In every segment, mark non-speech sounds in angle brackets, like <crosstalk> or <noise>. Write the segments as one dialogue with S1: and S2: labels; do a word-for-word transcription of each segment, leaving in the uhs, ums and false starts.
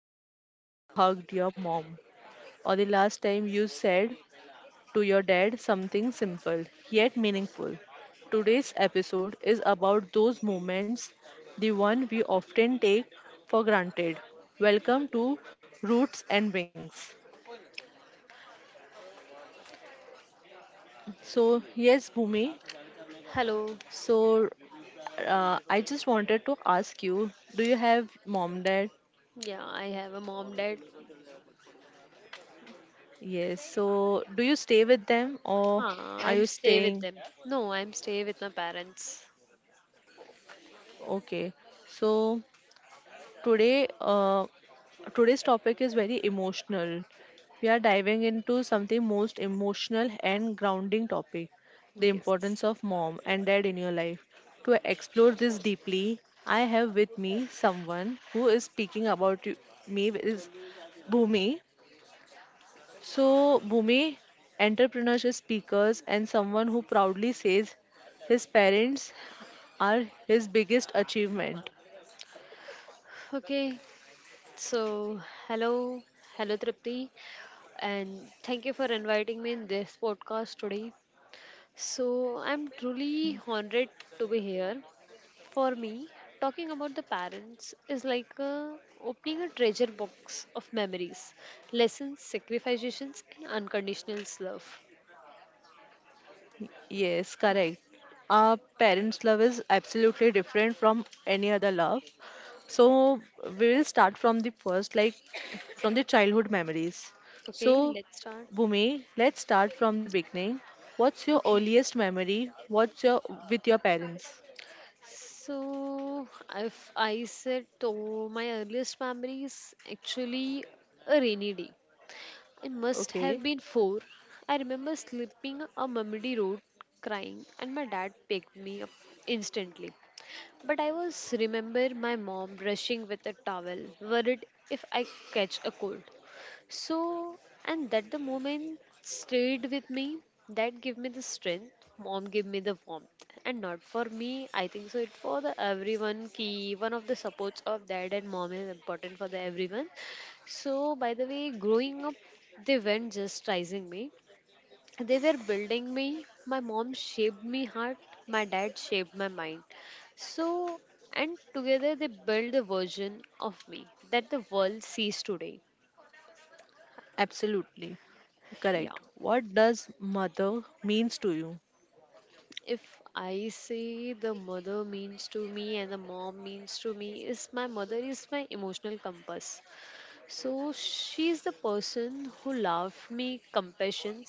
S1: last time you hugged your mom or the last time you said to your dad something simple yet meaningful. Today's episode is about those moments, the one we often take for granted. Welcome to Roots and Wings. So, yes, Bhumi.
S2: Hello.
S1: So, uh, I just wanted to ask you, do you have mom, dad?
S2: Yeah, I have a mom, dad.
S1: Yes. So, do you stay with them or
S2: Huh,
S1: are
S2: I'm
S1: you
S2: stay with
S1: staying?
S2: them. No, I'm stay with my parents.
S1: Okay. So, today, uh, today's topic is very emotional. We are diving into something most emotional and grounding topic, the
S2: Yes.
S1: importance of mom and dad in your life. To explore this deeply, I have with me someone who is speaking about you- me is Bhumi. So, Bhumi, entrepreneurship speakers and someone who proudly says his parents are his biggest achievement.
S2: Okay. So, hello. Hello, Tripti. And thank you for inviting me in this podcast today. So, I'm truly honored to be here. For me, talking about the parents is like uh, opening a treasure box of memories, lessons, sacrifices, and unconditional love.
S1: Yes, correct. Our parents' love is absolutely different from any other love. So we will start from the first, like from the childhood memories. So,
S2: Okay, let's start.
S1: Bhumi, let's start from the beginning. What's your
S2: Okay,
S1: earliest memory? What's your with your parents?
S2: so if I said to my earliest memories, actually a rainy day. I must have
S1: Okay,
S2: been four. I remember slipping a muddy road, crying, and my dad picked me up instantly. But I was remember my mom brushing with a towel, worried if I catch a cold. So, and that the moment stayed with me, that gave me the strength. Mom gave me the warmth, and not for me. I think so. It for the everyone. Key one of the supports of dad and mom is important for the everyone. So, by the way, growing up, they weren't just raising me. They were building me. My mom shaped me heart. My dad shaped my mind. So, and together they built the version of me that the world sees today.
S1: absolutely.
S2: Yeah.
S1: Correct. What does mother means to you?
S2: If I say the mother means to me and the mom means to me, is my mother is my emotional compass. So she is the person who loved me compassion,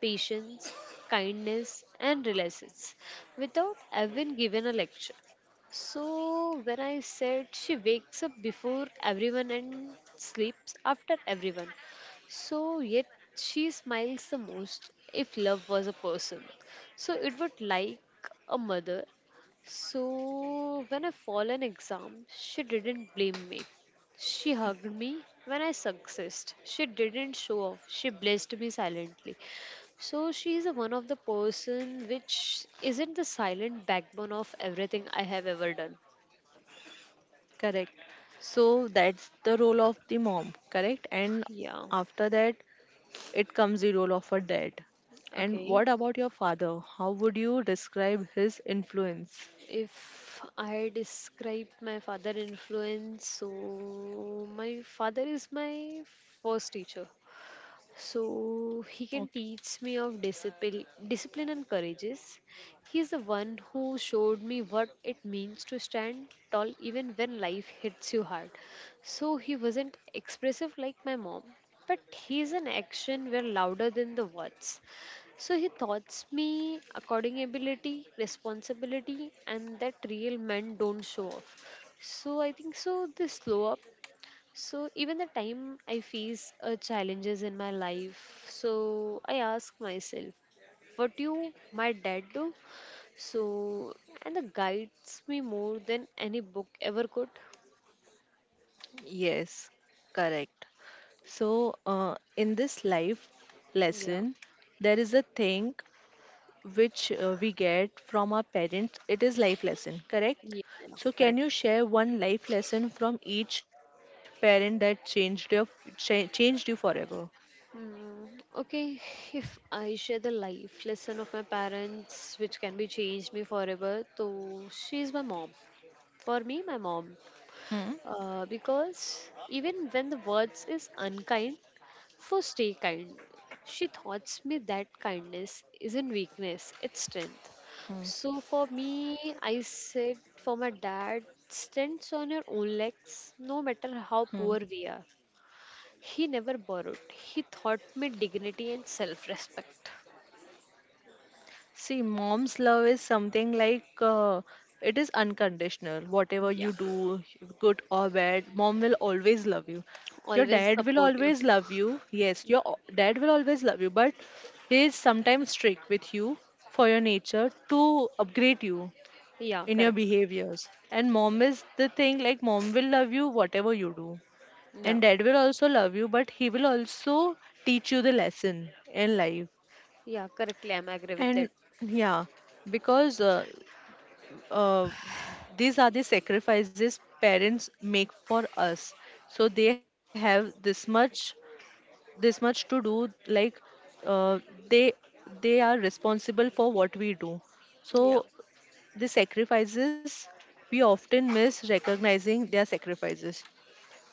S2: patience, kindness, and relations without even given a lecture. So when I said she wakes up before everyone and sleeps after everyone. So yet she smiles the most if love was a person. So it would like a mother. So when I fall an exam, she didn't blame me. She hugged me when I successed. She didn't show off. She blessed me silently. So she's a one of the person which isn't the silent backbone of everything I have ever done.
S1: Correct. So that's the role of the mom, correct? And
S2: Yeah.
S1: after that, it comes the role of a dad. And what
S2: Okay.
S1: about your father? How would you describe his influence?
S2: If I describe my father influence, so my father is my first teacher. So he can
S1: Okay.
S2: teach me of discipline, discipline and courageous. He is the one who showed me what it means to stand tall even when life hits you hard. So he wasn't expressive like my mom, but his an action were louder than the words. So he taught me according ability, responsibility, and that real men don't show off. So I think so. They slow up so even the time I face uh, challenges in my life, so I ask myself, what do my dad do? So and the guides me more than any book ever could.
S1: Yes, correct. So, uh, in this life
S2: Yeah.
S1: lesson, there is a thing which uh, we get from our parents. It is life lesson, correct?
S2: Yeah. yeah.
S1: So, can
S2: Correct.
S1: you share one life lesson from each parent that changed your cha- changed you forever?
S2: Mm, okay, if I share the life lesson of my parents, which can be changed me forever, so she is my mom. For me, my mom,
S1: Hmm.
S2: uh, because even when the words is unkind, for stay kind. She taught me that kindness isn't weakness, it's strength.
S1: Hmm.
S2: So for me, I said for my dad, stands on your own legs, no matter how poor
S1: Hmm.
S2: we are. He never borrowed. He taught me dignity and self-respect.
S1: See, mom's love is something like uh, it is unconditional. Whatever
S2: Yeah,
S1: you do, good or bad, mom will always love you. Your
S2: always
S1: dad will
S2: support you.
S1: always love you. Yes, your o- dad will always love you, but he is sometimes strict with you for your nature to upgrade you
S2: Yeah,
S1: in your
S2: correct.
S1: behaviors. And mom is the thing like mom will love you whatever you do.
S2: Yeah,
S1: And dad will also love you, but he will also teach you the lesson in life.
S2: yeah, correctly. I'm agree with
S1: And
S2: that.
S1: yeah, because uh, uh, these are the sacrifices parents make for us, so they have this much this much to do, like, uh, they they are responsible for what we do. So
S2: Yeah.
S1: the sacrifices, we often miss recognizing their sacrifices.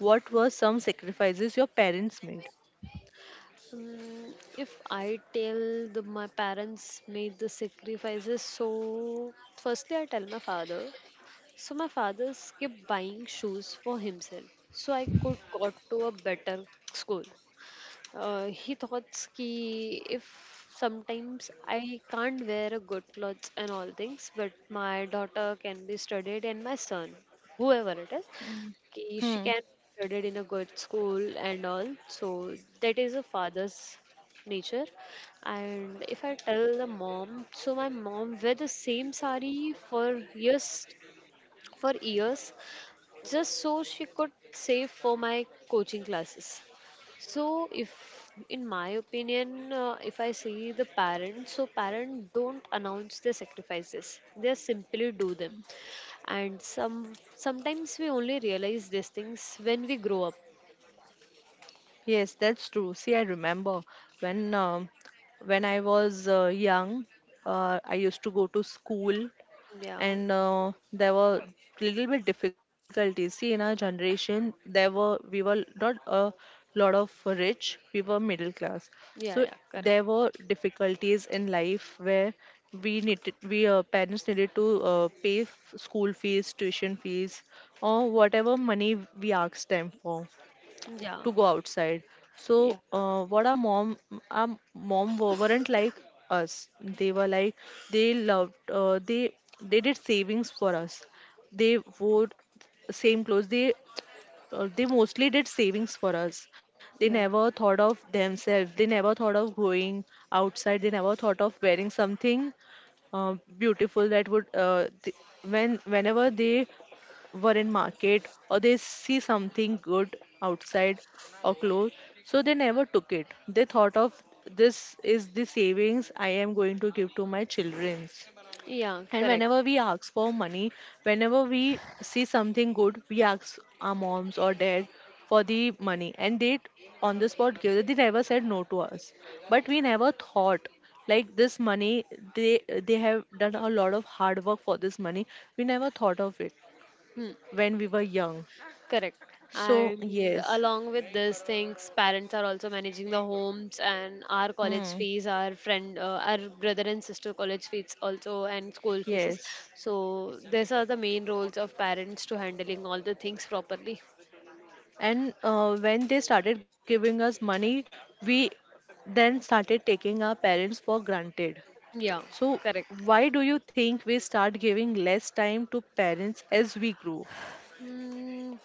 S1: What were some sacrifices your parents made?
S2: Mm, if I tell the, my parents made the sacrifices, so firstly I tell my father. So my father kept buying shoes for himself, so I could got to a better school. Uh, he thought ki if sometimes I can't wear a good clothes and all things, but my daughter can be studied and my son, whoever it is, ki- she can
S1: Hmm.
S2: studied in a good school and all so that is a father's nature. And if I tell the mom, so my mom wear the same sari for years for years just so she could save for my coaching classes. So if in my opinion uh, if I see the parents, so parents don't announce their sacrifices, they simply do them. And some sometimes we only realize these things when we grow up.
S1: Yes, that's true. See, I remember when um, when I was uh, young, uh, I used to go to school,
S2: Yeah,
S1: and uh, there were little bit difficulties. See, in our generation, there were, we were not a lot of rich, we were middle class. So
S2: yeah, yeah, correct.
S1: there were difficulties in life where we needed we, uh, parents needed to uh, pay f- school fees, tuition fees, or whatever money we asked them for
S2: Yeah,
S1: to go outside. So,
S2: yeah,
S1: uh, what our mom, our mom wa- weren't like us, they were like, they loved, uh, they they did savings for us, they wore same clothes, they, uh, they mostly did savings for us. They
S2: yeah,
S1: never thought of themselves. They never thought of going outside. They never thought of wearing something, uh, beautiful, that would uh, th- when whenever they were in market or they see something good outside or clothes, so they never took it. They thought of, this is the savings I am going to give to my children's.
S2: yeah,
S1: And
S2: correct.
S1: whenever we ask for money, whenever we see something good, we ask our moms or dad for the money, and they t- on the spot give it. They never said no to us, but we never thought like this money. They they have done a lot of hard work for this money. We never thought of it
S2: Hmm,
S1: when we were young.
S2: correct.
S1: So
S2: And
S1: yes,
S2: along with these things, parents are also managing the homes and our college
S1: hmm,
S2: fees, our friend uh, our brother and sister college fees also, and school fees.
S1: yes.
S2: So these are the main roles of parents, to handling all the things properly.
S1: And uh, when they started giving us money, we then started taking our parents for granted.
S2: Yeah,
S1: So,
S2: correct.
S1: why do you think we start giving less time to parents as we grow?
S2: Mm,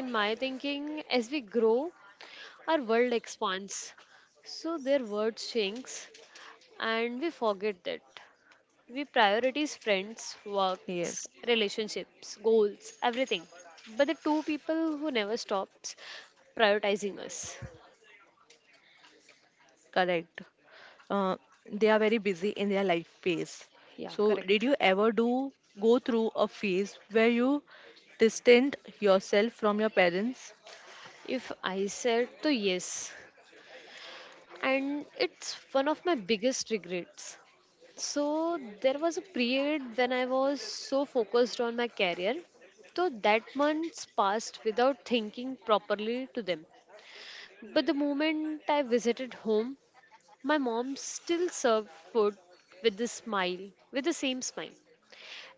S2: in my thinking, as we grow, our world expands. So their world shrinks, and we forget that. We prioritize friends,
S1: Yes.
S2: works, relationships, goals, everything. But the two people who never stops prioritizing us.
S1: Correct. Uh, they are very busy in their life phase.
S2: Yeah,
S1: So, did
S2: correct.
S1: you ever do go through a phase where you distant yourself from your parents?
S2: If I said to yes, and it's one of my biggest regrets. So there was a period when I was so focused on my career. So that months passed without thinking properly to them. But the moment I visited home, my mom still served food with the smile, with the same smile.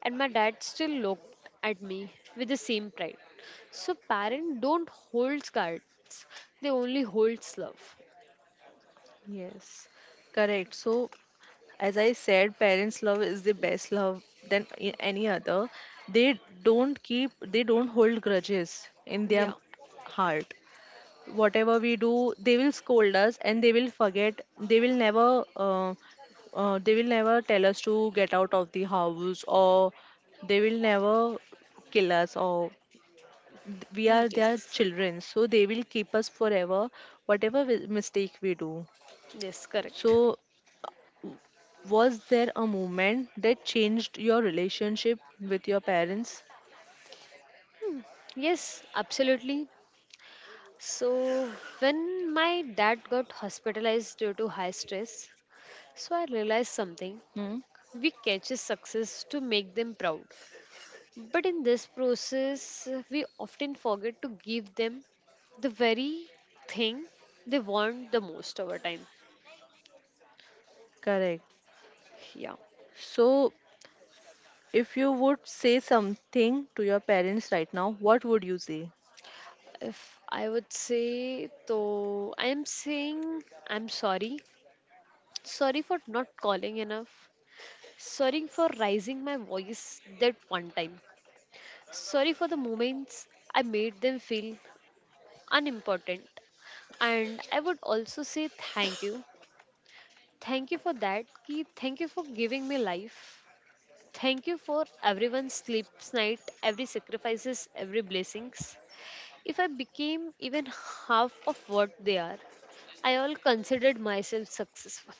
S2: And my dad still looked at me with the same pride. So parents don't hold cards, they only hold love.
S1: Yes, correct. So, as I said, parents' love is the best love than a- any other. They don't keep, they don't hold grudges in their
S2: Yeah.
S1: heart. Whatever we do, they will scold us and they will forget. They will never uh, uh, they will never tell us to get out of the house, or they will never kill us, or th- we are their
S2: Yes.
S1: children, so they will keep us forever whatever wi- mistake we do.
S2: Yes, correct.
S1: So, was there a moment that changed your relationship with your parents?
S2: Yes, absolutely. So, when my dad got hospitalized due to high stress, so I realized something.
S1: Hmm?
S2: We catch success to make them proud. But in this process, we often forget to give them the very thing they want the most over time.
S1: Correct.
S2: Yeah.
S1: So, if you would say something to your parents right now, what would you say?
S2: If I would say, though, I am saying I'm sorry. Sorry for not calling enough. Sorry for raising my voice that one time. Sorry for the moments I made them feel unimportant. And I would also say thank you. Thank you for that. Ki thank you for giving me life. Thank you for everyone's sleeps night, every sacrifices, every blessings. If I became even half of what they are, I all considered myself successful.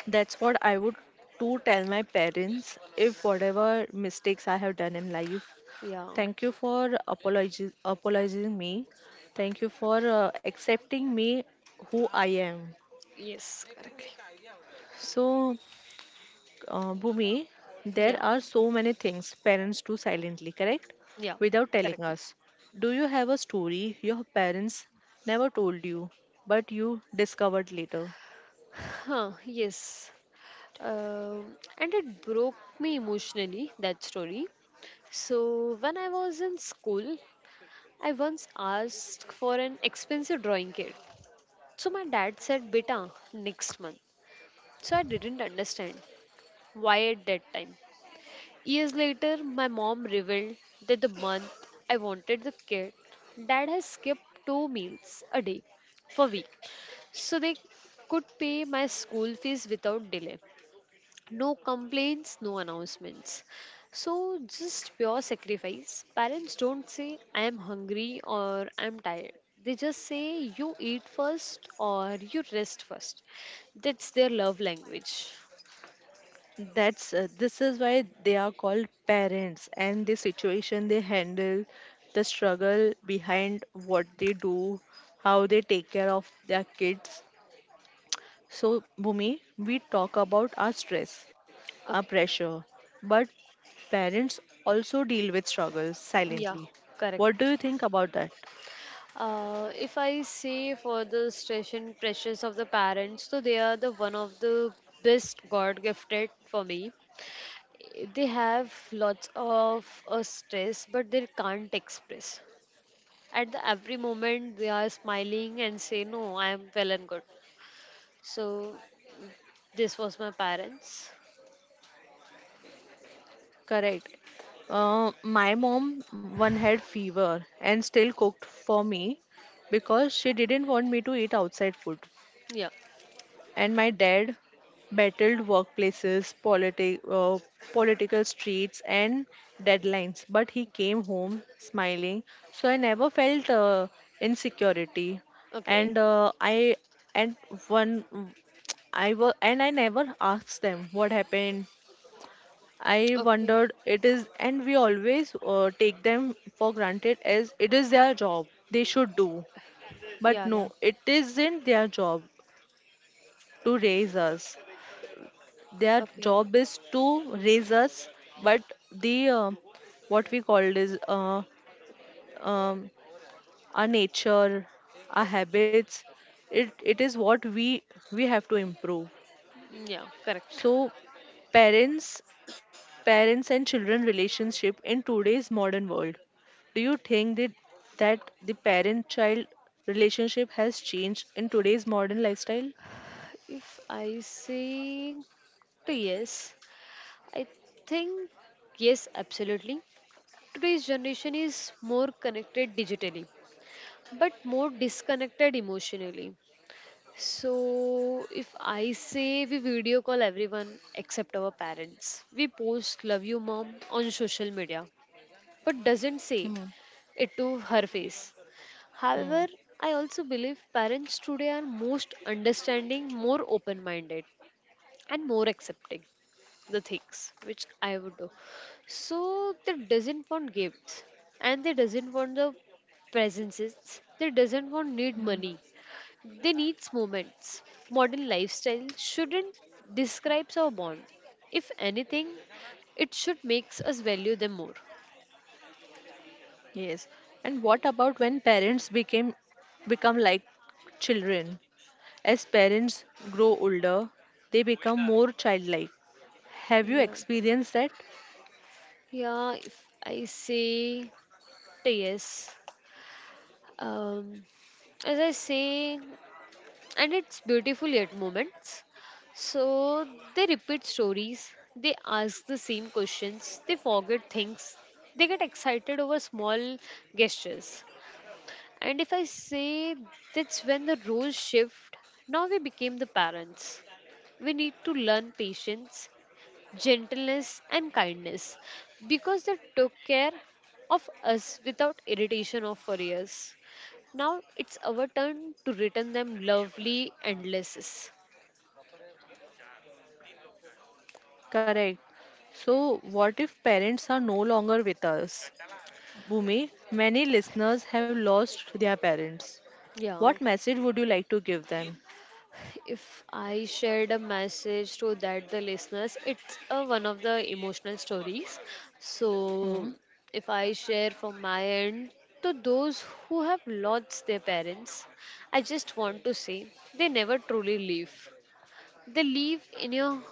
S1: That's what I would to tell my parents if whatever mistakes I have done in life.
S2: Yeah.
S1: Thank you for apologiz- apologizing me. Thank you for uh, accepting me who I am.
S2: Yes, correctly.
S1: So, uh, Bhumi, there
S2: Yeah.
S1: are so many things parents do silently, correct?
S2: Yeah.
S1: Without telling
S2: Correctly.
S1: us. Do you have a story your parents never told you, but you discovered later?
S2: Huh, yes. Um, and it broke me emotionally, that story. So, when I was in school, I once asked for an expensive drawing kit. So, my dad said, Beta, next month. So, I didn't understand why at that time. Years later, my mom revealed that the month I wanted the kit, dad has skipped two meals a day for week, so they could pay my school fees without delay. No complaints, no announcements. So, just pure sacrifice. Parents don't say, I am hungry or I'm tired. They just say, you eat first or you rest first. That's their love language.
S1: That's uh, this is why they are called parents, and the situation they handle, the struggle behind what they do, how they take care of their kids. So, Bhumi, we talk about our stress, our
S2: Okay.
S1: pressure, but parents also deal with struggles
S2: Yeah,
S1: silently.
S2: correct.
S1: What do you think about that?
S2: Uh, if I say for the stress and pressures of the parents, so they are the one of the best God gifted for me. They have lots of uh, stress, but they can't express. At the every moment they are smiling and say no, I am well and good. So this was my parents.
S1: Correct. Uh, my mom one had fever and still cooked for me because she didn't want me to eat outside food,
S2: Yeah.
S1: and my dad battled workplaces, politi- uh, political streets, and deadlines. But he came home smiling, so I never felt uh, insecurity.
S2: Okay.
S1: And uh, I, and one, I was, and I never asked them what happened. I
S2: Okay.
S1: wondered it is, and we always uh, take them for granted as it is their job they should do. But
S2: Yeah, yeah.
S1: no, it isn't their job to raise us. Their job is to
S2: Okay.
S1: raise us, but the, uh, what we call it is, uh, um, our nature, our habits, it, it is what we we have to improve.
S2: Yeah, correct.
S1: So, parents parents and children relationship in today's modern world, do you think that that the parent child relationship has changed in today's modern lifestyle?
S2: If I say to yes, I think yes, absolutely. Today's generation is more connected digitally but more disconnected emotionally. So, if I say we video call everyone except our parents, we post love you mom on social media, but doesn't say
S1: Hmm.
S2: it to her face.
S1: Hmm.
S2: However, I also believe parents today are most understanding, more open minded, and more accepting the things which I would do. So, they doesn't want gifts and they doesn't want the presences, they doesn't want need money, they needs moments. Modern lifestyle shouldn't describe our bond. If anything, it should makes us value them more.
S1: Yes. And what about when parents became become like children? As parents grow older, they become more childlike. Have you
S2: Yeah,
S1: experienced that?
S2: yeah. If I say yes, um, as I say, and it's beautiful at moments. So they repeat stories, they ask the same questions, they forget things, they get excited over small gestures. And if I say that's when the roles shift, now we became the parents. We need to learn patience, gentleness, and kindness because they took care of us without irritation or for years. Now it's our turn to return them lovely and endlesses.
S1: Correct. So what if parents are no longer with us? Bhumi, many listeners have lost their parents.
S2: Yeah.
S1: What message would you like to give them?
S2: If I shared a message to that the listeners, it's uh, one of the emotional stories. So
S1: Hmm.
S2: if I share from my end to those who have lost their parents, I just want to say they never truly leave. They leave in your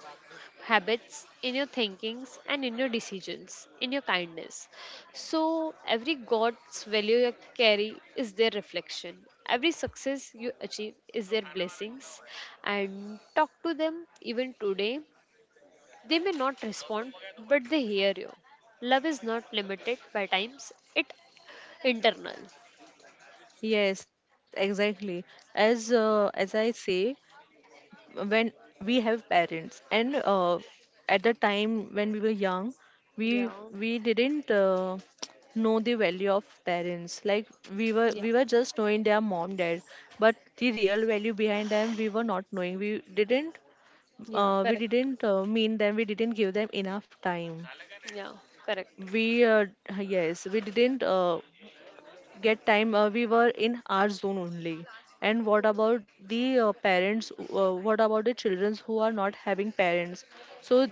S2: habits, in your thinkings, and in your decisions, in your kindness. So, every God's value you carry is their reflection. Every success you achieve is their blessings. And talk to them even today. They may not respond, but they hear you. Love is not limited by times, it internal.
S1: Yes, exactly. As uh, as I say, when we have parents, and uh, at the time when we were young, we
S2: Yeah,
S1: we didn't uh, know the value of parents. Like, we were
S2: yeah,
S1: we were just knowing their mom dad, but the real value behind them we were not knowing. We didn't
S2: yeah,
S1: uh, we
S2: correct.
S1: didn't uh, mean them, we didn't give them enough time.
S2: Yeah, correct.
S1: We, uh, yes, we didn't uh, get time, uh, we were in our zone only. And what about the, uh, parents uh, what about the children who are not having parents? So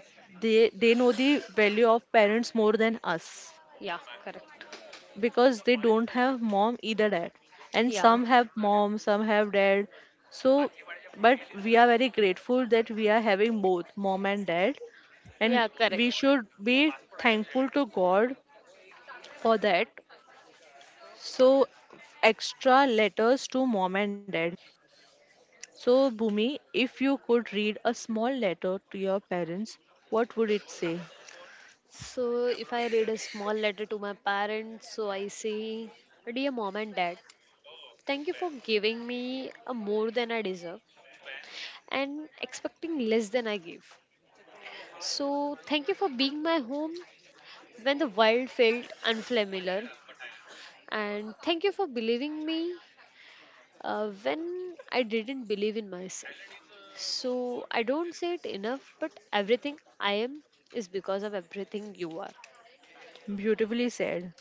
S1: they they know the value of parents more than us,
S2: Yeah, correct.
S1: because they don't have mom either dad, and
S2: Yeah,
S1: some have mom, some have dad. So, but we are very grateful that we are having both mom and dad, and
S2: yeah, correct.
S1: we should be thankful to God for that. So, extra letters to mom and dad. So, Bhumi, if you could read a small letter to your parents, what would it say?
S2: So, if I read a small letter to my parents, so I say, Dear mom and dad, thank you for giving me a more than I deserve and expecting less than I give. So, thank you for being my home when the world felt unfamiliar, and thank you for believing me uh, when I didn't believe in myself. So, I don't say it enough, but everything I am is because of everything you are.
S1: Beautifully said.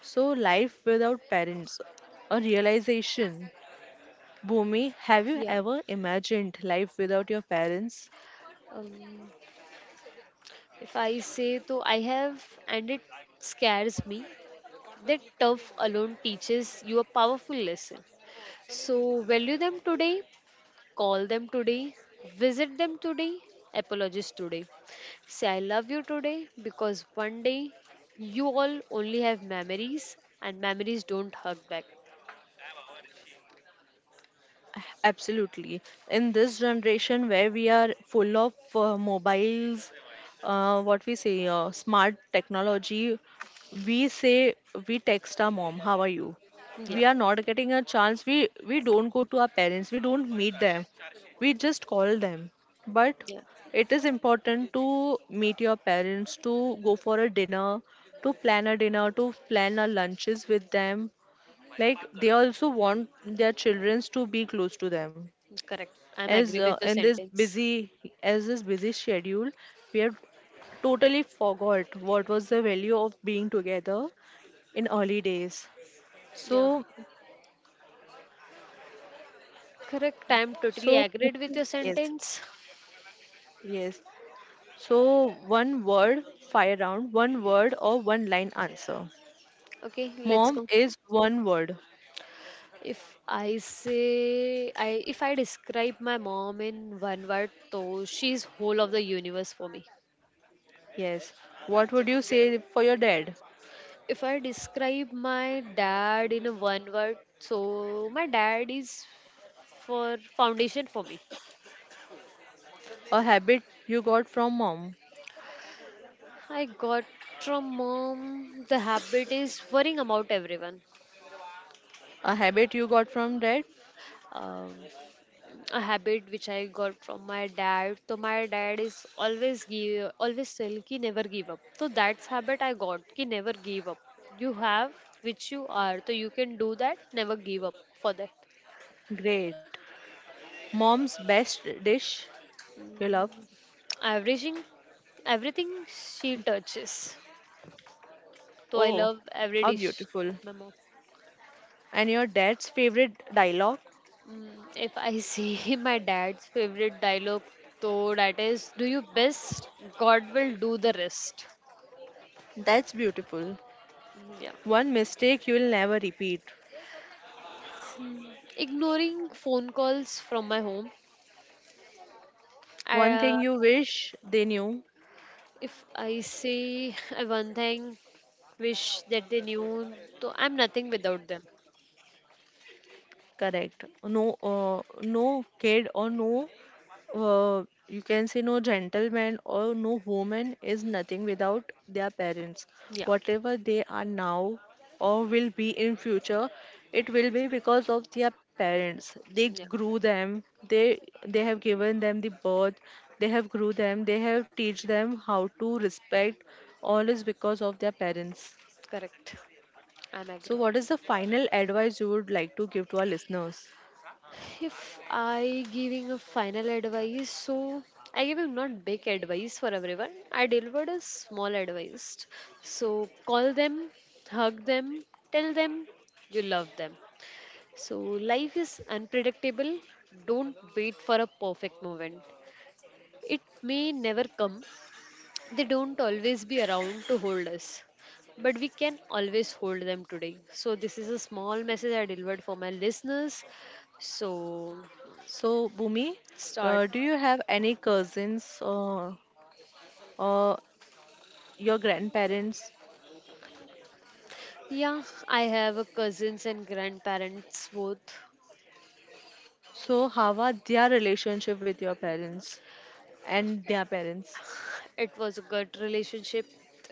S1: So, life without parents, a realization. Bhumi, have you
S2: Yeah.
S1: ever imagined life without your parents?
S2: Um, if I say so I have and it scares me, that tough alone teaches you a powerful lesson. So value them today, call them today, visit them today, apologize today. Say I love you today because one day you all only have memories and memories don't hug back.
S1: Absolutely. In this generation where we are full of uh, mobiles, uh, what we say, uh, smart technology, we say we text our mom, how are you?
S2: Yeah,
S1: We are not getting a chance. We we don't go to our parents. We don't meet them. We just call them. But
S2: yeah,
S1: it is important to meet your parents, to go for a dinner, to plan a dinner, to plan a lunches with them, like they also want their children to be close to them.
S2: correct. I'm
S1: As
S2: agree
S1: uh,
S2: with your
S1: in this
S2: sentence.
S1: busy as this busy schedule we have, totally forgot what was the value of being together in early days. So,
S2: Yeah, correct. I'm
S1: so
S2: totally agreed with your
S1: yes,
S2: sentence.
S1: yes. So, one word fire round, one word or one line answer.
S2: Okay, let's
S1: Mom
S2: go.
S1: is one word?
S2: If I say I if I describe my mom in one word, though she's whole of the universe for me.
S1: Yes. What would you say for your dad?
S2: If I describe my dad in a one word, so my dad is for foundation for me.
S1: A habit you got from mom?
S2: I got from mom the habit is worrying about everyone.
S1: A habit you got from dad?
S2: Um, a habit which I got from my dad. So my dad is always give, always tell ki never give up. So that's habit I got ki never give up. You have which you are, so you can do that. Never give up for that.
S1: Great. Mom's best dish you love?
S2: Averaging everything she touches. So I
S1: Oh,
S2: love every
S1: how
S2: dish
S1: beautiful.
S2: of my mom.
S1: And your dad's favorite dialogue?
S2: Mm, if I see <laughs> my dad's favorite dialogue, though that is, "Do your best, God will do the rest."
S1: That's beautiful.
S2: Mm, Yeah.
S1: One mistake you will never repeat.
S2: Ignoring phone calls from my home. I,
S1: One
S2: uh,
S1: thing you wish they knew.
S2: if I say <laughs> one thing, wish that they knew, so I'm nothing without them.
S1: Correct. No, uh, no kid or no uh, you can say no gentleman or no woman is nothing without their parents,
S2: Yeah,
S1: whatever they are now or will be in future. It will be because of their parents, they
S2: yeah,
S1: grew them. They they have given them the birth, they have grew them, they have teach them how to respect. All is because of their parents.
S2: correct. I'm agree.
S1: So what is the final advice you would like to give to our listeners?
S2: If I giving a final advice, so I giving not big advice for everyone. I delivered a small advice. So call them, hug them, tell them you love them. So life is unpredictable. Don't wait for a perfect moment. It may never come. They don't always be around to hold us, but we can always hold them today. So, this is a small message I delivered for my listeners. So,
S1: So Bhumi,
S2: start.
S1: uh, do you have any cousins, uh, uh, your grandparents?
S2: Yeah, I have a cousins and grandparents both.
S1: So how are their relationship with your parents and their parents?
S2: It was a good relationship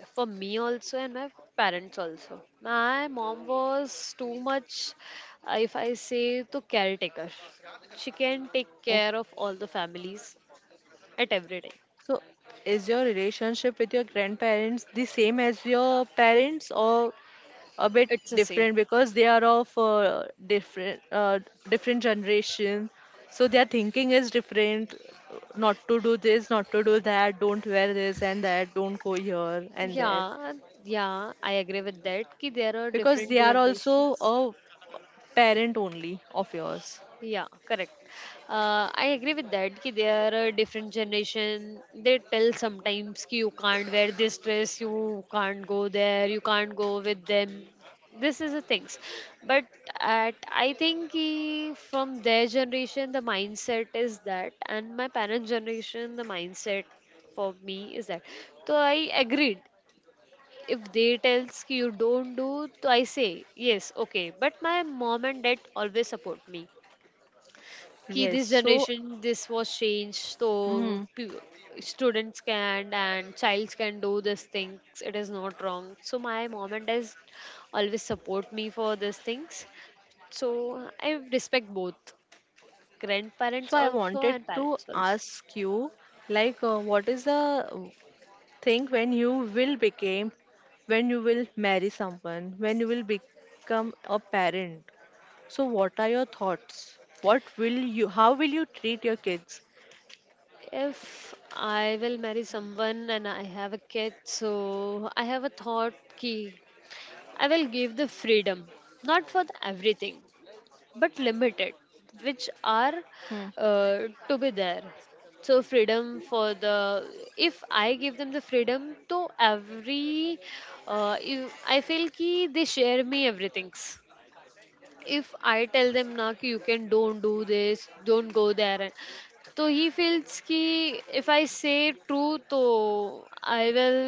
S2: for me also and my parents also. My mom was too much, uh, if I say, to caretaker. She can take care
S1: Okay.
S2: of all the families at every time.
S1: So is your relationship with your grandparents the same as your parents or a bit
S2: It's the same.
S1: different, because they are of uh, different uh, different generation. So their thinking is different. Not to do this, not to do that. Don't wear this and that. Don't go here and there,
S2: Yeah, yeah, I agree with that. Ki there are
S1: because
S2: different
S1: they are also
S2: generations.
S1: a parent only of yours.
S2: Yeah, correct. Uh, I agree with that. Ki there are different generation. They tell sometimes ki you can't wear this dress, you can't go there, you can't go with them. This is the things. But at I think ki from their generation the mindset is that, and my parents' generation the mindset for me is that. So I agreed if they tells ki you don't do to I say yes okay but my mom and dad always support me ki
S1: Yes,
S2: this
S1: so
S2: generation this was changed so
S1: mm,
S2: pe- students can and childs can do these things it is not wrong so my mom and dad always support me for these things so I respect both
S1: so
S2: grandparents
S1: I
S2: also
S1: wanted
S2: and
S1: to
S2: parents also.
S1: ask you, like, uh, what is the uh, thing when you will become, when you will marry someone, when you will become a parent? So, what are your thoughts? What will you, how will you treat your kids?
S2: If I will marry someone and I have a kid, so I have a thought key I will give the freedom, not for the everything, but limited, which are
S1: Hmm.
S2: uh, to be there. So freedom for the if I give them the freedom, to every uh, you- I feel ki they share me everything if I tell them na कि you can don't do this, don't go there, and- तो he feels कि if I say true, तो I will.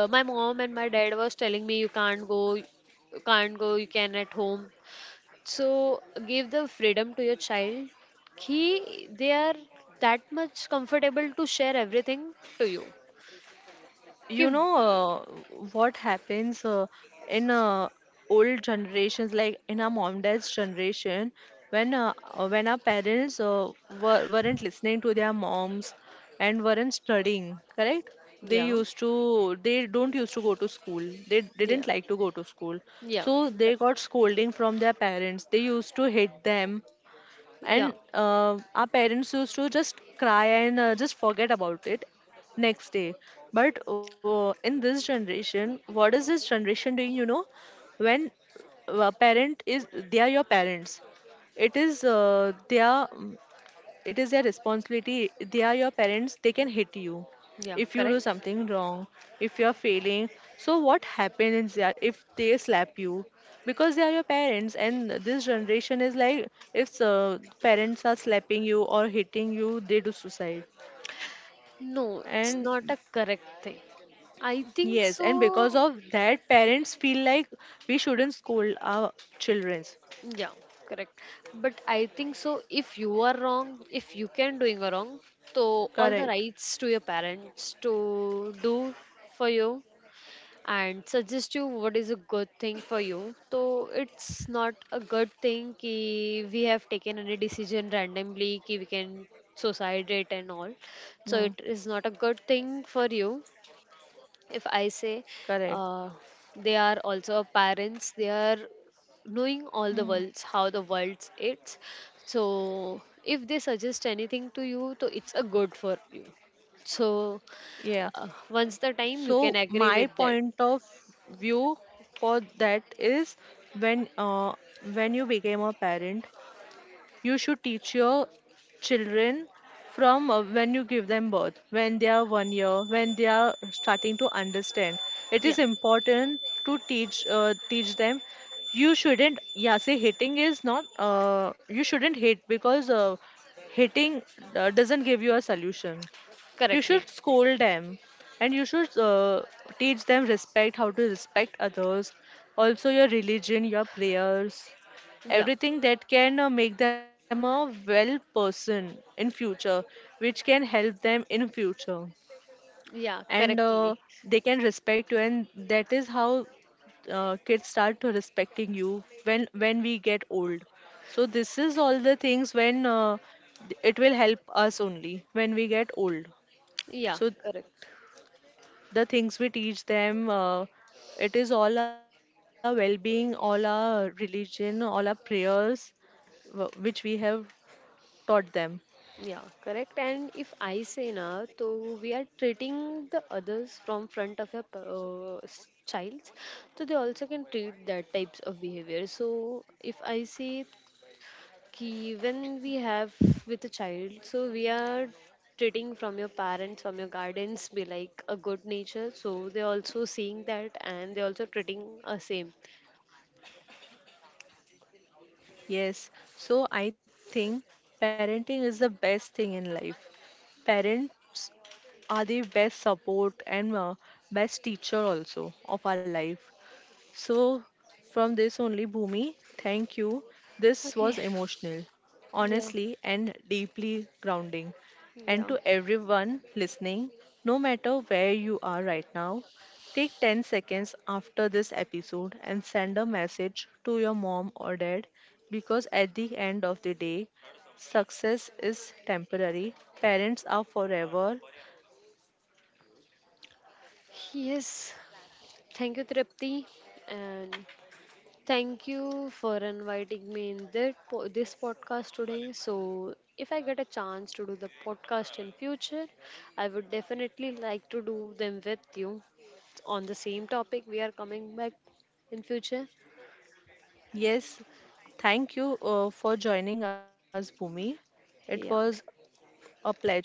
S2: Uh, my mom and my dad was telling me you can't go, you can't go, you can at home. So give the freedom to your child. He They are that much comfortable to share everything to you. कि
S1: you know uh, What happens uh, in uh, old generations, like in our mom dad's generation, when uh, uh, when our parents uh, were, weren't listening to their moms and weren't studying correct, they
S2: yeah,
S1: used to, they don't used to go to school, they didn't
S2: yeah,
S1: like to go to school,
S2: yeah,
S1: so they got
S2: correct.
S1: scolding from their parents, they used to hit them. And
S2: Yeah,
S1: uh, our parents used to just cry and uh, just forget about it next day. But uh, in this generation, what is this generation doing, you know? When a parent is, they are your parents, it is uh, they are, it is their responsibility, they are your parents, they can hit you
S2: yeah,
S1: if you do
S2: correct.
S1: something wrong, if you are failing. So what happens there if they slap you, because they are your parents? And this generation is like, if uh, parents are slapping you or hitting you, they do suicide.
S2: No, it's
S1: And
S2: not a correct thing. I think
S1: yes, and
S2: so.
S1: because of that parents feel like we shouldn't scold our childrens.
S2: Yeah, correct. But I think so. If you are wrong, if you can doing a wrong, so all the
S1: Correct.
S2: rights to your parents to do for you and suggest you what is a good thing for you. So it's not a good thing ki we have taken any decision randomly ki we can suicide it and all.
S1: Mm.
S2: So it is not a good thing for you if I say
S1: Correct.
S2: uh, they are also parents they are knowing all the
S1: Mm.
S2: worlds how the world is so if they suggest anything to you so it's a good for you so
S1: Yeah.
S2: uh, once the time you
S1: So
S2: can agree
S1: my
S2: with that.
S1: point of view for that is, when uh, when you became a parent, you should teach your children from uh, when you give them birth, when they are one year, when they are starting to understand. It
S2: Yeah,
S1: is important to teach uh, teach them. You shouldn't, yeah, say hitting is not. Uh, you shouldn't hit, because uh, hitting uh, doesn't give you a solution. You
S2: correctly.
S1: should scold them, and you should uh, teach them respect, how to respect others, also your religion, your prayers,
S2: Yeah,
S1: everything that can uh, make them a well person in future, which can help them in future.
S2: yeah,
S1: And uh,
S2: correctly.
S1: they can respect you, and that is how uh, kids start to respecting you when when we get old. So this is all the things, when uh, it will help us only when we get old.
S2: Yeah,
S1: So
S2: correct.
S1: the things we teach them, uh, it is all our well-being, all our religion, all our prayers, wh- which we have taught them.
S2: Yeah, correct. And if I say now, so we are treating the others from front of your uh, s- child, so they also can treat that types of behavior. So if I say ki when we have with a child, so we are treating from your parents, from your guardians, be like a good nature. So they also seeing that and they also treating a same.
S1: Yes, so I think parenting is the best thing in life. Parents are the best support and uh, best teacher also of our life. So, from this only, Bhumi, thank you. This
S2: Okay.
S1: was emotional,
S2: Yeah.
S1: honestly, and deeply grounding. And
S2: Yeah.
S1: to everyone listening, no matter where you are right now, take ten seconds after this episode and send a message to your mom or dad, because at the end of the day, success is temporary, parents are forever.
S2: Yes. Thank you, Tripti. And thank you for inviting me in that po- this podcast today. So, if I get a chance to do the podcast in future, I would definitely like to do them with you on the same topic. We are coming back in future.
S1: Yes, thank you uh, for joining us, Bhumi. It was
S2: Yeah.
S1: a pleasure.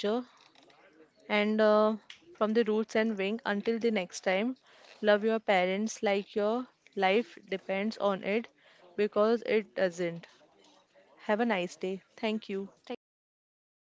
S1: And uh, from the roots and wing until the next time, love your parents like your life depends on it, because it doesn't. Have a nice day. Thank you.
S2: Thank you so much.